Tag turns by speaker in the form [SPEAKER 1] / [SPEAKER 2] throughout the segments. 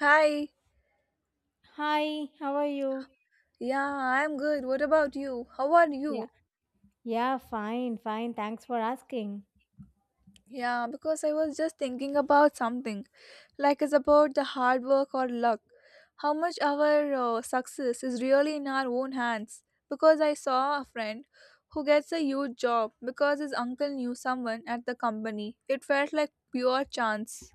[SPEAKER 1] Hi.
[SPEAKER 2] Hi, how are you?
[SPEAKER 1] Yeah, I'm good. What about you? How are
[SPEAKER 2] Yeah,
[SPEAKER 1] you?
[SPEAKER 2] yeah, fine, fine. Thanks for asking.
[SPEAKER 1] Yeah, because I was just thinking about something. It's about the hard work or luck. How much our success is really in our own hands. Because I saw a friend who gets a huge job because his uncle knew someone at the company. It felt like pure chance.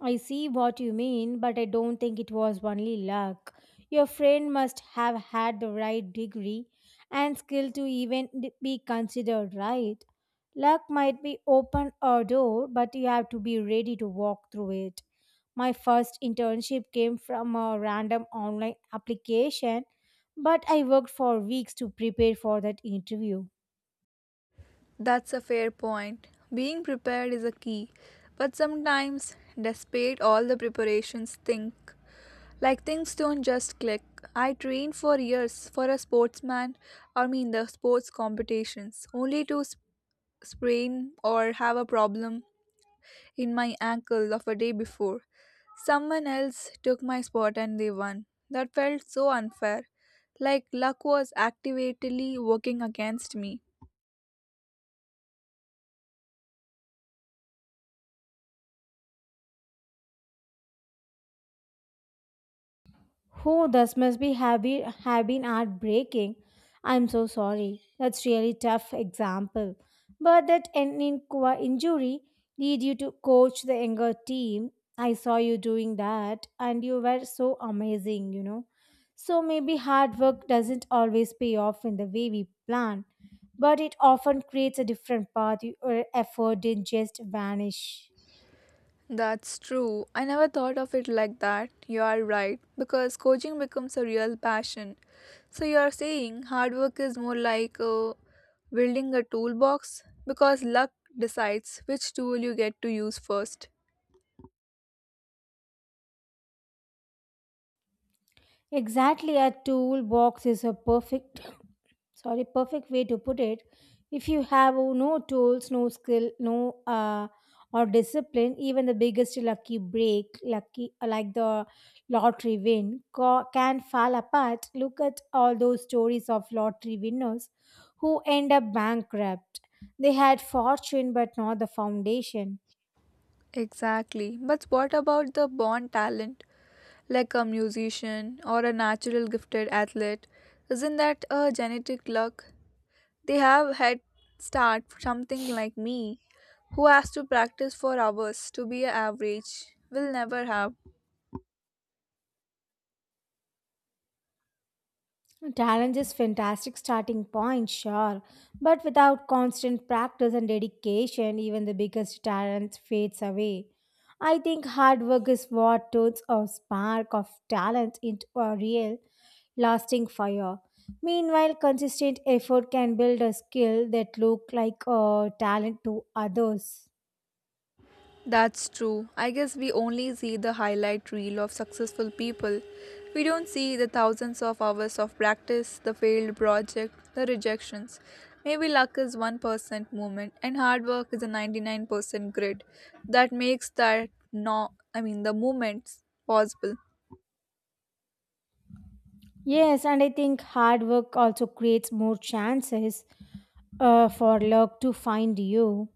[SPEAKER 2] I see what you mean, but I don't think it was only luck. Your friend must have had the right degree and skill to even be considered, right. Luck might be open a door, but you have to be ready to walk through it. My first internship came from a random online application, but I worked for weeks to prepare for that interview.
[SPEAKER 1] That's a fair point. Being prepared is a key. But sometimes, despite all the preparations, think Like things don't just click. I trained for years for a sportsman, I mean the sports competitions, only to sprain or have a problem in my ankle of a day before. Someone else took my spot and they won. That felt so unfair, like luck was actively working against me.
[SPEAKER 2] Oh, this must be have been heartbreaking. I'm so sorry. That's really tough example. But that an injury lead you to coach the younger team. I saw you doing that, and you were so amazing. So maybe hard work doesn't always pay off in the way we plan, but it often creates a different path. Your effort didn't just vanish.
[SPEAKER 1] That's true. I never thought of it like that. You are right, because coaching becomes a real passion. So, you are saying hard work is more like building a toolbox because luck decides which tool you get to use first.
[SPEAKER 2] Exactly, a toolbox is a perfect way to put it. If you have no tools, no skill, no or discipline, even the biggest lucky break, lucky like the lottery win can fall apart. Look at all those stories of lottery winners who end up bankrupt. They had fortune but not the foundation.
[SPEAKER 1] Exactly. But what about the born talent, like a musician or a natural gifted athlete? Isn't that a genetic luck? They have head start for something like me who has to practice for hours to be average will never have.
[SPEAKER 2] Talent is fantastic starting point, sure, but without constant practice and dedication, even the biggest talent fades away. I think hard work is what turns a spark of talent into a real, lasting fire. Meanwhile, consistent effort can build a skill that look like a talent to others.
[SPEAKER 1] That's true. I guess we only see the highlight reel of successful people. We don't see the thousands of hours of practice, the failed project, the rejections. Maybe luck is 1% movement and hard work is a 99% grit that makes that no I mean the movements possible.
[SPEAKER 2] Yes, and I think hard work also creates more chances for luck to find you.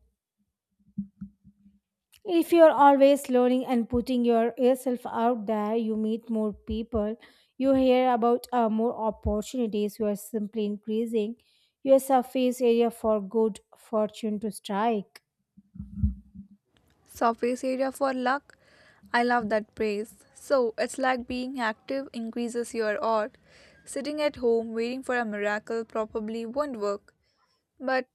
[SPEAKER 2] If you're always learning and putting yourself out there, you meet more people, you hear about more opportunities, you are simply increasing your surface area for good fortune to strike.
[SPEAKER 1] Surface area for luck. I love that praise. So it's like being active increases your odds. Sitting at home waiting for a miracle probably won't work. But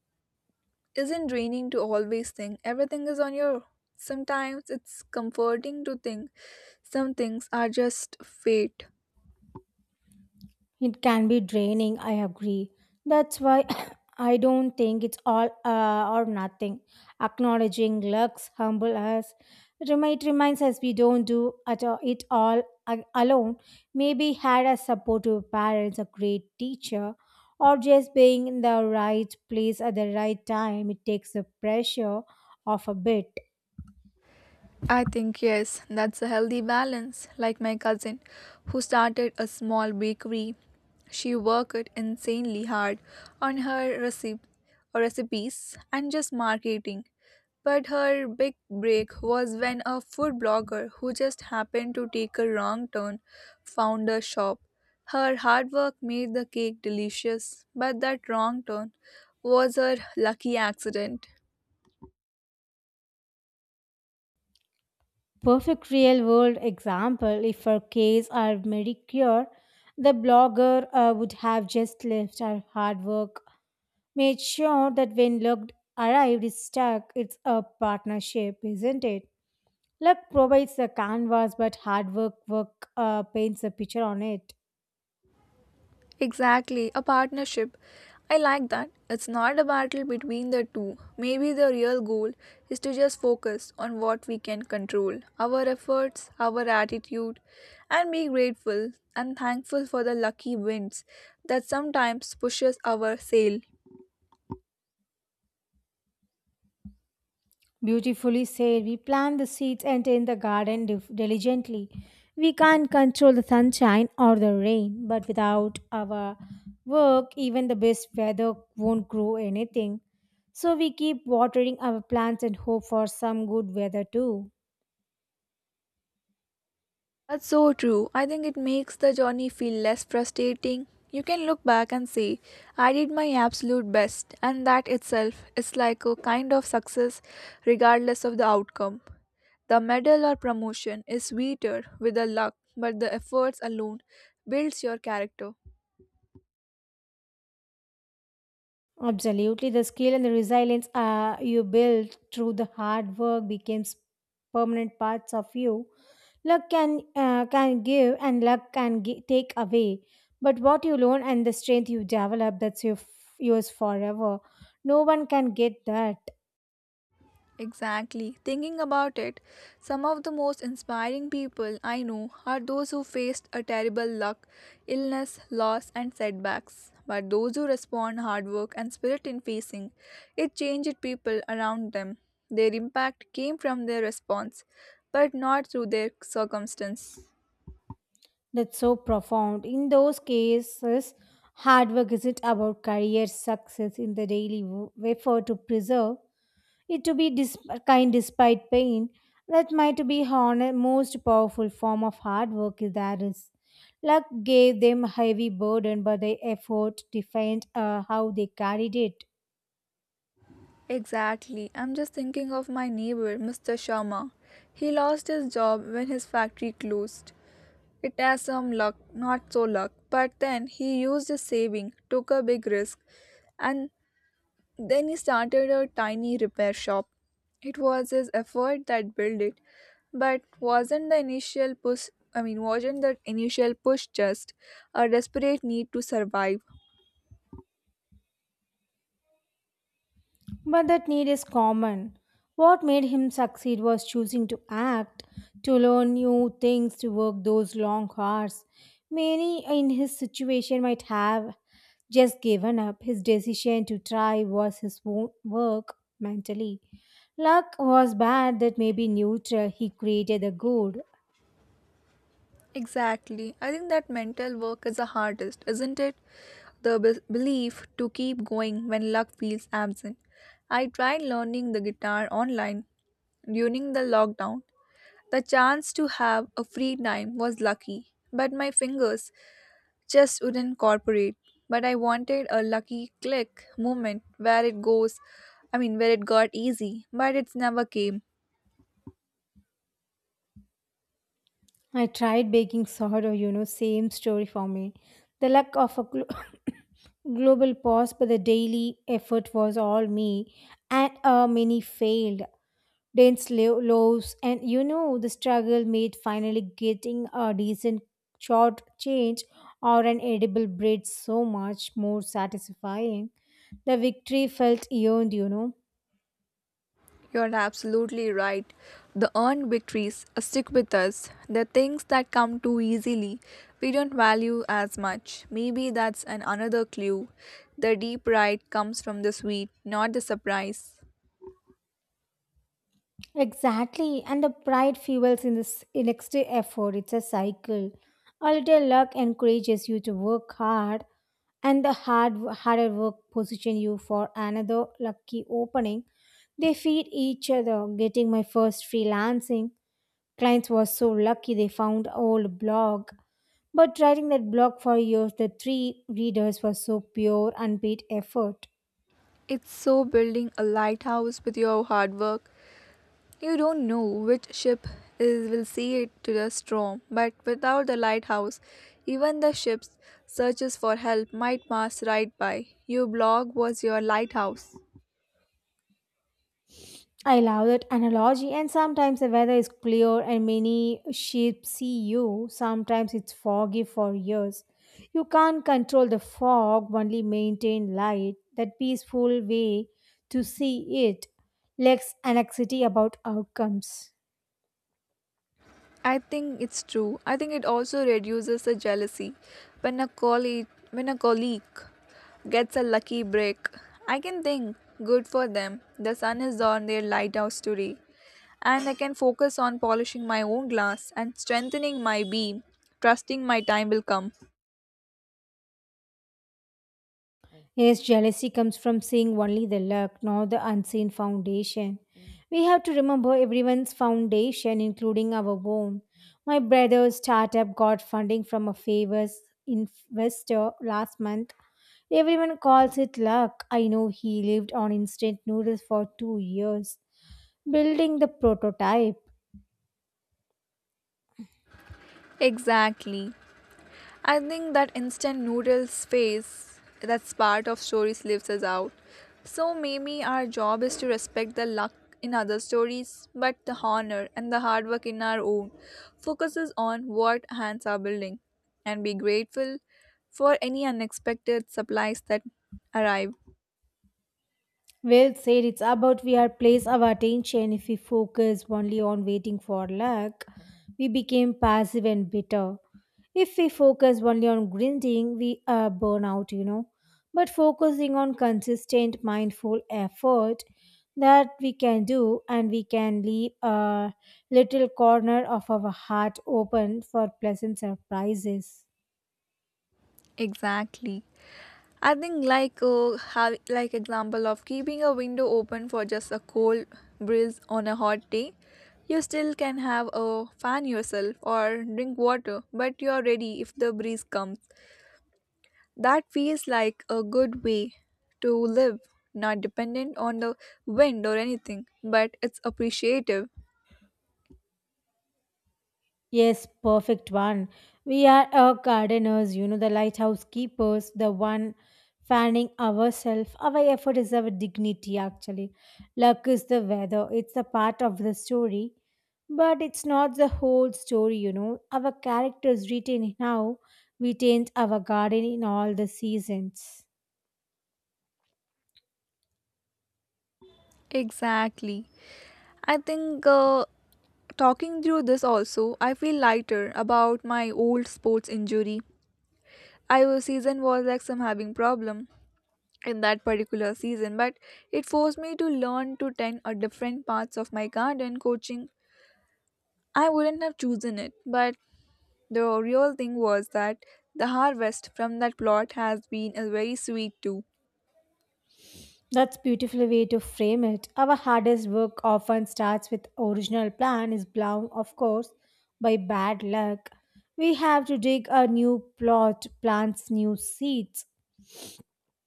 [SPEAKER 1] isn't draining to always think everything is on your, sometimes it's comforting to think some things are just fate.
[SPEAKER 2] It can be draining, I agree. That's why I don't think it's all or nothing. Acknowledging looks humble us. It reminds us we don't do at all, it all alone. Maybe had a supportive parents, a great teacher, or just being in the right place at the right time. It takes the pressure off a bit.
[SPEAKER 1] I think yes, that's a healthy balance. Like my cousin who started a small bakery. She worked insanely hard on her recipes and just marketing. But her big break was when a food blogger who just happened to take a wrong turn found her shop. Her hard work made the cake delicious, but that wrong turn was her lucky accident.
[SPEAKER 2] Perfect real world example. If her case are medicure, the blogger would have just left. Her hard work made sure that when luck arrived is stuck. It's a partnership, isn't it? Luck provides the canvas, but hard work paints a picture on it.
[SPEAKER 1] Exactly, a partnership. I like that. It's not a battle between the two. Maybe the real goal is to just focus on what we can control, our efforts, our attitude, and be grateful and thankful for the lucky winds that sometimes pushes our sail.
[SPEAKER 2] Beautifully said. We plant the seeds and tend the garden diligently. We can't control the sunshine or the rain, but without our work, even the best weather won't grow anything. So we keep watering our plants and hope for some good weather too.
[SPEAKER 1] That's so true. I think it makes the journey feel less frustrating. You can look back and say, I did my absolute best, and that itself is like a kind of success, regardless of the outcome. The medal or promotion is sweeter with the luck, but the efforts alone builds your character.
[SPEAKER 2] Absolutely. The skill and the resilience you build through the hard work becomes permanent parts of you. Luck can give and luck can take away. But what you learn and the strength you develop, that's yours forever. No one can get that.
[SPEAKER 1] Exactly. Thinking about it, some of the most inspiring people I know are those who faced a terrible luck, illness, loss, and setbacks. But those who respond hard work and spirit in facing it changed people around them. Their impact came from their response, but not through their circumstance.
[SPEAKER 2] That's so profound. In those cases, hard work isn't about career success in the daily effort to preserve. It to be kind despite pain, that might be honest, most powerful form of hard work there is. Luck gave them a heavy burden, but their effort defined how they carried it.
[SPEAKER 1] Exactly. I'm just thinking of my neighbor, Mr. Sharma. He lost his job when his factory closed. It has some luck, not so luck. But then he used his saving, took a big risk, and then he started a tiny repair shop. It was his effort that built it, but wasn't the initial push I mean wasn't that initial push just a desperate need to survive?
[SPEAKER 2] But that need is common. What made him succeed was choosing to act, to learn new things, to work those long hours. Many in his situation might have just given up. His decision to try was his work mentally. Luck was bad, that may be neutral. He created the good.
[SPEAKER 1] Exactly. I think that mental work is the hardest, isn't it? The belief to keep going when luck feels absent. I tried learning the guitar online during the lockdown. The chance to have a free time was lucky, but my fingers just wouldn't cooperate. But I wanted a lucky click moment where it goes, I mean, where it got easy, but it's never came.
[SPEAKER 2] I tried baking sourdough, same story for me. The luck of a global pause, but the daily effort was all me, and many failed. Dense loaves, and the struggle made finally getting a decent short change or an edible bread so much more satisfying. The victory felt earned.
[SPEAKER 1] You're absolutely right. The earned victories stick with us. The things that come too easily, we don't value as much. Maybe that's an another clue. The deep pride comes from the sweet, not the surprise.
[SPEAKER 2] Exactly, and the pride fuels in this next effort. It's a cycle. A little luck encourages you to work hard, and the harder work position you for another lucky opening. They feed each other. Getting my first freelancing clients was so lucky, they found old blog. But writing that blog for years, the three readers was so pure, unpaid effort.
[SPEAKER 1] It's so building a lighthouse with your hard work. You don't know which ship is will see it to the storm, but without the lighthouse, even the ship's searches for help might pass right by. Your blog was your lighthouse.
[SPEAKER 2] I love that analogy, and sometimes the weather is clear and many sheep see you. Sometimes it's foggy for years. You can't control the fog, only maintain light, that peaceful way to see it lacks anxiety about outcomes.
[SPEAKER 1] I think it's true. I think it also reduces the jealousy. When a colleague gets a lucky break, I can think, good for them. The sun is on their lighthouse today. And I can focus on polishing my own glass and strengthening my beam, trusting my time will come.
[SPEAKER 2] Yes, jealousy comes from seeing only the luck, not the unseen foundation. We have to remember everyone's foundation, including our own. My brother's startup got funding from a famous investor last month. Everyone calls it luck. I know he lived on instant noodles for 2 years, building the prototype.
[SPEAKER 1] Exactly. I think that instant noodles phase, that's part of stories lives us out. So maybe our job is to respect the luck in other stories, but the honor and the hard work in our own focuses on what hands are building and be grateful for any unexpected supplies that arrive.
[SPEAKER 2] Well said, it's about we are place our attention. If we focus only on waiting for luck, we become passive and bitter. If we focus only on grinding, we burn out. But focusing on consistent, mindful effort that we can do, and we can leave a little corner of our heart open for pleasant surprises.
[SPEAKER 1] Exactly. I think have like example of keeping a window open for just a cold breeze on a hot day. You still can have a fan yourself or drink water, but you're ready if the breeze comes. That feels like a good way to live, not dependent on the wind or anything, but it's appreciative.
[SPEAKER 2] Yes, perfect one. We are our gardeners, the lighthouse keepers, the one fanning ourselves. Our effort is our dignity, actually. Luck is the weather, it's a part of the story, but it's not the whole story. Our characters written in how we tend our garden in all the seasons.
[SPEAKER 1] Exactly. I think talking through this also, I feel lighter about my old sports injury. IO season was like some having problem in that particular season, but it forced me to learn to tend a different parts of my garden coaching. I wouldn't have chosen it, but the real thing was that the harvest from that plot has been a very sweet too.
[SPEAKER 2] That's beautiful way to frame it. Our hardest work often starts with original plan is blown, of course, by bad luck. We have to dig a new plot, plants new seeds.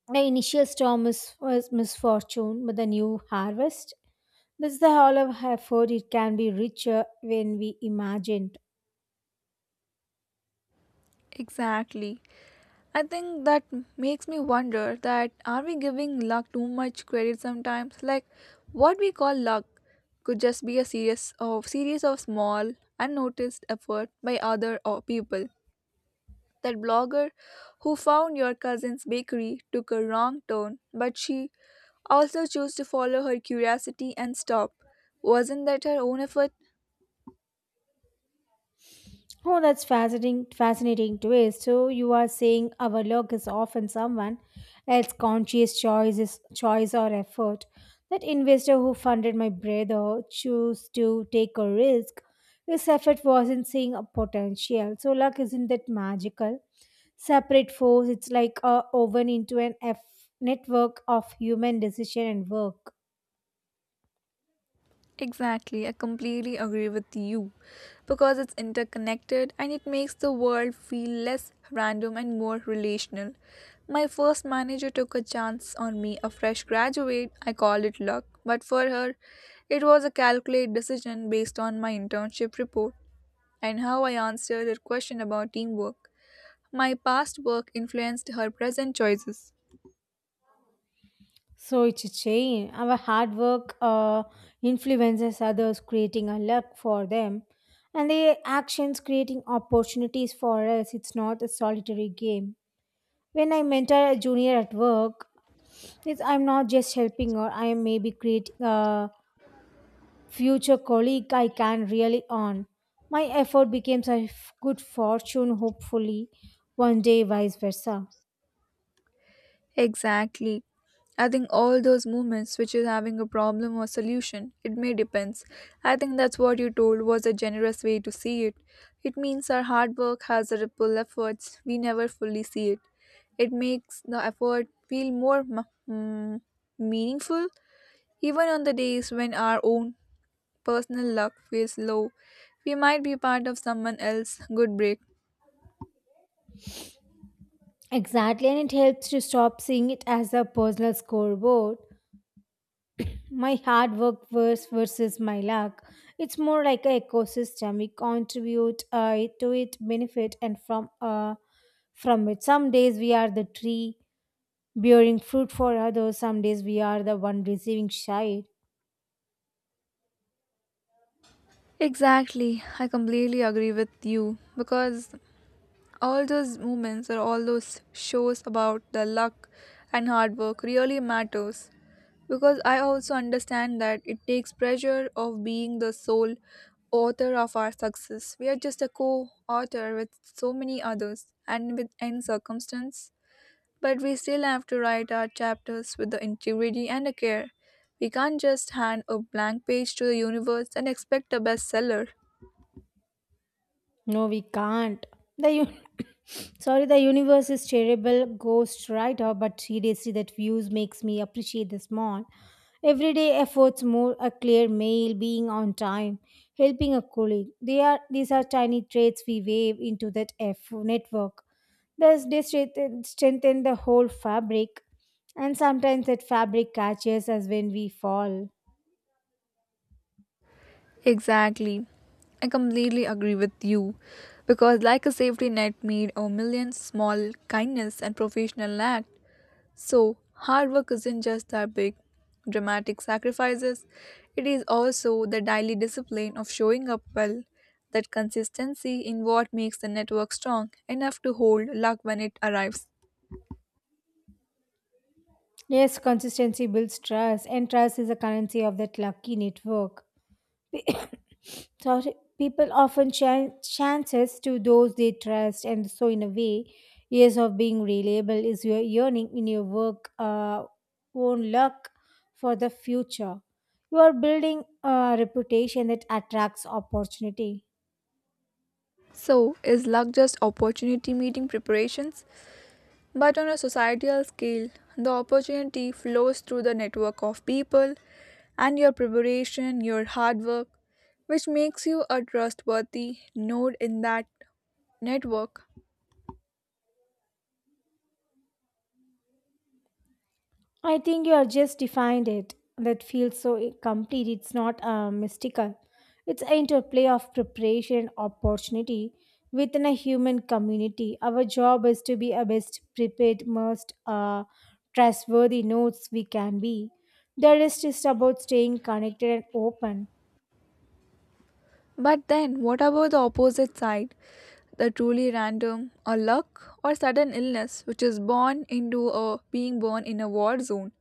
[SPEAKER 2] The initial storm was misfortune, but the new harvest. This is the whole of effort. It can be richer when we imagined.
[SPEAKER 1] Exactly. I think that makes me wonder that are we giving luck too much credit sometimes? Like what we call luck could just be a series of small unnoticed effort by other or people. That blogger who found your cousin's bakery took a wrong turn, but she also chose to follow her curiosity and stop. Wasn't that her own effort?
[SPEAKER 2] Oh, that's fascinating twist. So you are saying our luck is often someone else's conscious choice or effort. That investor who funded my brother chose to take a risk. His effort wasn't seeing a potential. So luck isn't that magical. Separate force. It's like a woven into an F network of human decision and work.
[SPEAKER 1] Exactly, I completely agree with you. Because it's interconnected and it makes the world feel less random and more relational. My first manager took a chance on me, a fresh graduate. I called it luck, but for her, it was a calculated decision based on my internship report and how I answered her question about teamwork. My past work influenced her present choices.
[SPEAKER 2] So it's a chain. Our hard work influences others, creating a luck for them, and their actions creating opportunities for us. It's not a solitary game. When I mentor a junior at work, I'm not just helping her. I am maybe creating a future colleague I can really earn. My effort becomes a good fortune, hopefully, one day, vice versa.
[SPEAKER 1] Exactly. I think all those movements, which is having a problem or solution, it may depends. I think that's what you told was a generous way to see it. It means our hard work has a ripple efforts. We never fully see it. It makes the effort feel more meaningful, even on the days when our own personal luck feels low, we might be part of someone else's good break.
[SPEAKER 2] Exactly, and it helps to stop seeing it as a personal scoreboard, my hard work versus my luck. It's more like an ecosystem. We contribute to it, benefit and from it. Some days we are the tree bearing fruit for others, some days we are the one receiving shade.
[SPEAKER 1] Exactly, I completely agree with you because all those moments or all those shows about the luck and hard work really matters because I also understand that it takes pressure of being the sole author of our success. We are just a co-author with so many others and with end circumstance. But we still have to write our chapters with the integrity and the care. We can't just hand a blank page to the universe and expect a bestseller.
[SPEAKER 2] No, we can't. The sorry, the universe is terrible ghost writer, but seriously, that views makes me appreciate the small, everyday efforts more. A clear mail, being on time, helping a colleague. They are these are tiny traits we wave into that F network. Thus, they strengthen the whole fabric, and sometimes that fabric catches us when we fall.
[SPEAKER 1] Exactly. I completely agree with you. Because, like a safety net made of millions small kindness and professional act, so, hard work isn't just that big, dramatic sacrifices, it is also the daily discipline of showing up well, that consistency in what makes the network strong enough to hold luck when it arrives.
[SPEAKER 2] Yes, consistency builds trust, and trust is a currency of that lucky network. Sorry, people often chances to those they trust, and so in a way, years of being reliable is your yearning in your work, own luck for the future. You are building a reputation that attracts opportunity.
[SPEAKER 1] So, is luck just opportunity meeting preparations? But on a societal scale, the opportunity flows through the network of people and your preparation, your hard work, which makes you a trustworthy node in that network.
[SPEAKER 2] I think you have just defined it. That feels so complete. It's not mystical. It's an interplay of preparation and opportunity within a human community. Our job is to be a best prepared, most trustworthy notes we can be. The rest is about staying connected and open.
[SPEAKER 1] But then, what about the opposite side? The truly random, or luck, or sudden illness, which is born into a being born in a war zone,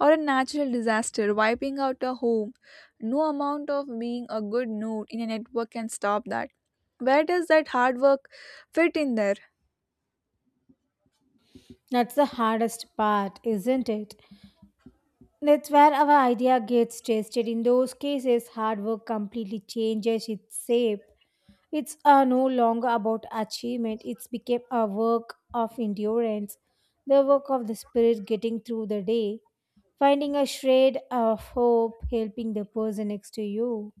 [SPEAKER 1] or a natural disaster wiping out a home. No amount of being a good node in a network can stop that. Where does that hard work fit in there?
[SPEAKER 2] That's the hardest part, isn't it? That's where our idea gets tested. In those cases, hard work completely changes its shape. It's no longer about achievement, it's became a work of endurance, the work of the spirit getting through the day, finding a shred of hope, helping the person next to you.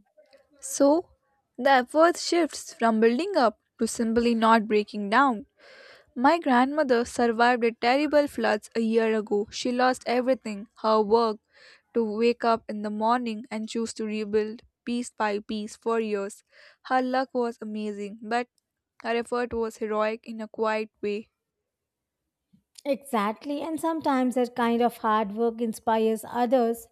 [SPEAKER 1] So, the effort shifts from building up to simply not breaking down. My grandmother survived a terrible floods a year ago. She lost everything her work to wake up in the morning and choose to rebuild piece by piece for years. Her luck was amazing, but her effort was heroic in a quiet way.
[SPEAKER 2] Exactly, and sometimes that kind of hard work inspires others,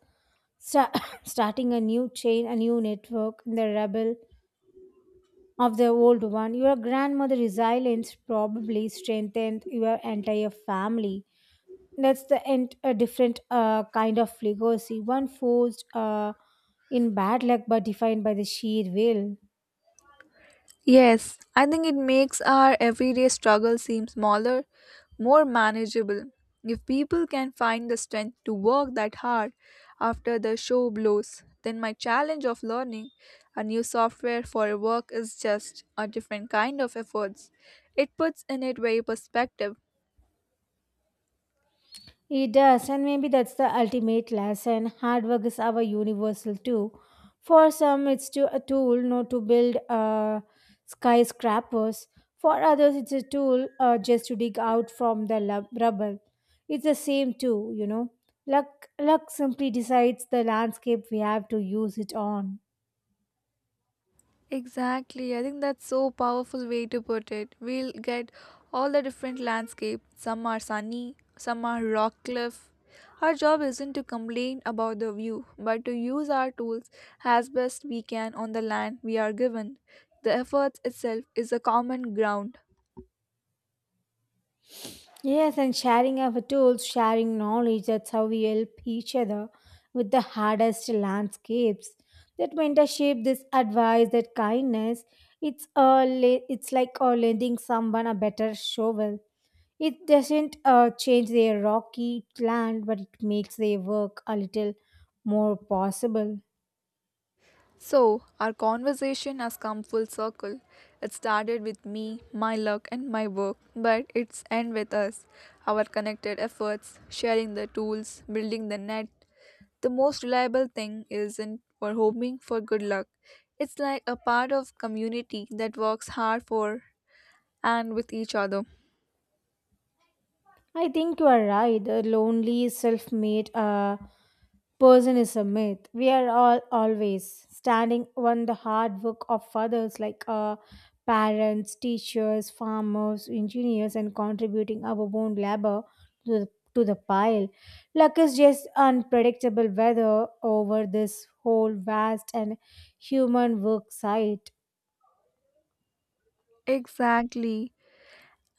[SPEAKER 2] sta- starting a new chain, a new network in the rubble of the old one. Your grandmother's resilience probably strengthened your entire family. That's the end a different kind of legacy, one forged in bad luck but defined by the sheer will.
[SPEAKER 1] Yes, I think it makes our everyday struggle seem smaller, more manageable. If people can find the strength to work that hard after the show blows, then my challenge of learning a new software for work is just a different kind of efforts. It puts in it very perspective.
[SPEAKER 2] It does, and maybe that's the ultimate lesson. Hard work is our universal too. For some, it's to a tool, not to build skyscrapers. For others, it's a tool just to dig out from the rubble. It's the same too, you know. Luck simply decides the landscape we have to use it on.
[SPEAKER 1] Exactly. I think that's so powerful way to put it. We'll get all the different landscape. Some are sunny, some are rock cliff. Our job isn't to complain about the view, but to use our tools as best we can on the land we are given. The effort itself is a common ground.
[SPEAKER 2] Yes, and sharing of tools, sharing knowledge, that's how we help each other with the hardest landscapes. That mentorship, this advice, that kindness, it's like lending someone a better shovel. It doesn't change their rocky land, but it makes their work a little more possible.
[SPEAKER 1] So, our conversation has come full circle. It started with me, my luck, and my work, but it's end with us. Our connected efforts, sharing the tools, building the net, the most reliable thing isn't for hoping for good luck. It's like a part of community that works hard for and with each other.
[SPEAKER 2] I think you are right. A lonely, self made person is a myth. We are all always standing on the hard work of others, like parents, teachers, farmers, engineers, and contributing our own labor to the pile. Luck is just unpredictable weather over this whole vast and human work site.
[SPEAKER 1] Exactly.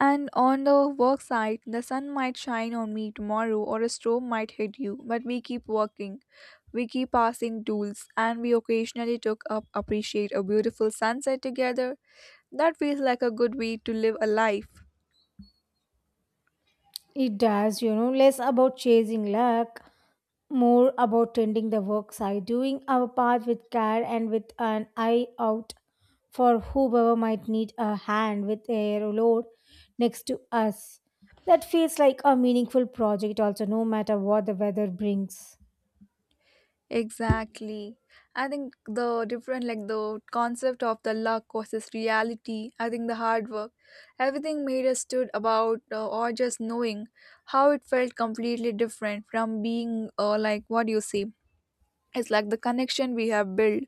[SPEAKER 1] And on the work side, the sun might shine on me tomorrow or a storm might hit you, but we keep working. We keep passing tools and we occasionally took up appreciate a beautiful sunset together. That feels like a good way to live a life.
[SPEAKER 2] It does, less about chasing luck, more about tending the work side, doing our part with care and with an eye out for whoever might need a hand with a load next to us. That feels like a meaningful project, also, no matter what the weather brings.
[SPEAKER 1] Exactly. I think the different, like the concept of the luck versus reality, I think the hard work, everything made us stood about or just knowing how it felt completely different from being, like what you say. It's like the connection we have built.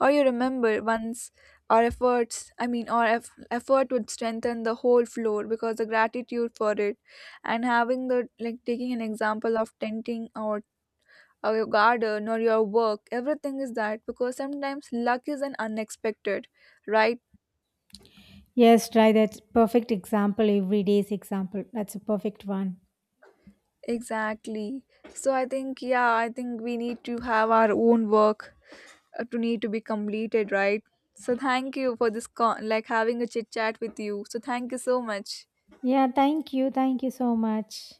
[SPEAKER 1] Or you remember once our efforts, effort would strengthen the whole floor because the gratitude for it. And having the, like, taking an example of tenting or your garden or your work. Everything is that because sometimes luck is an unexpected, right?
[SPEAKER 2] Yes, try that perfect example, everyday's example. That's a perfect one.
[SPEAKER 1] Exactly. So I think yeah, I think we need to have our own work to need to be completed, right? So thank you for this like having a chit chat with you. So thank you so much.
[SPEAKER 2] Yeah, thank you. Thank you so much.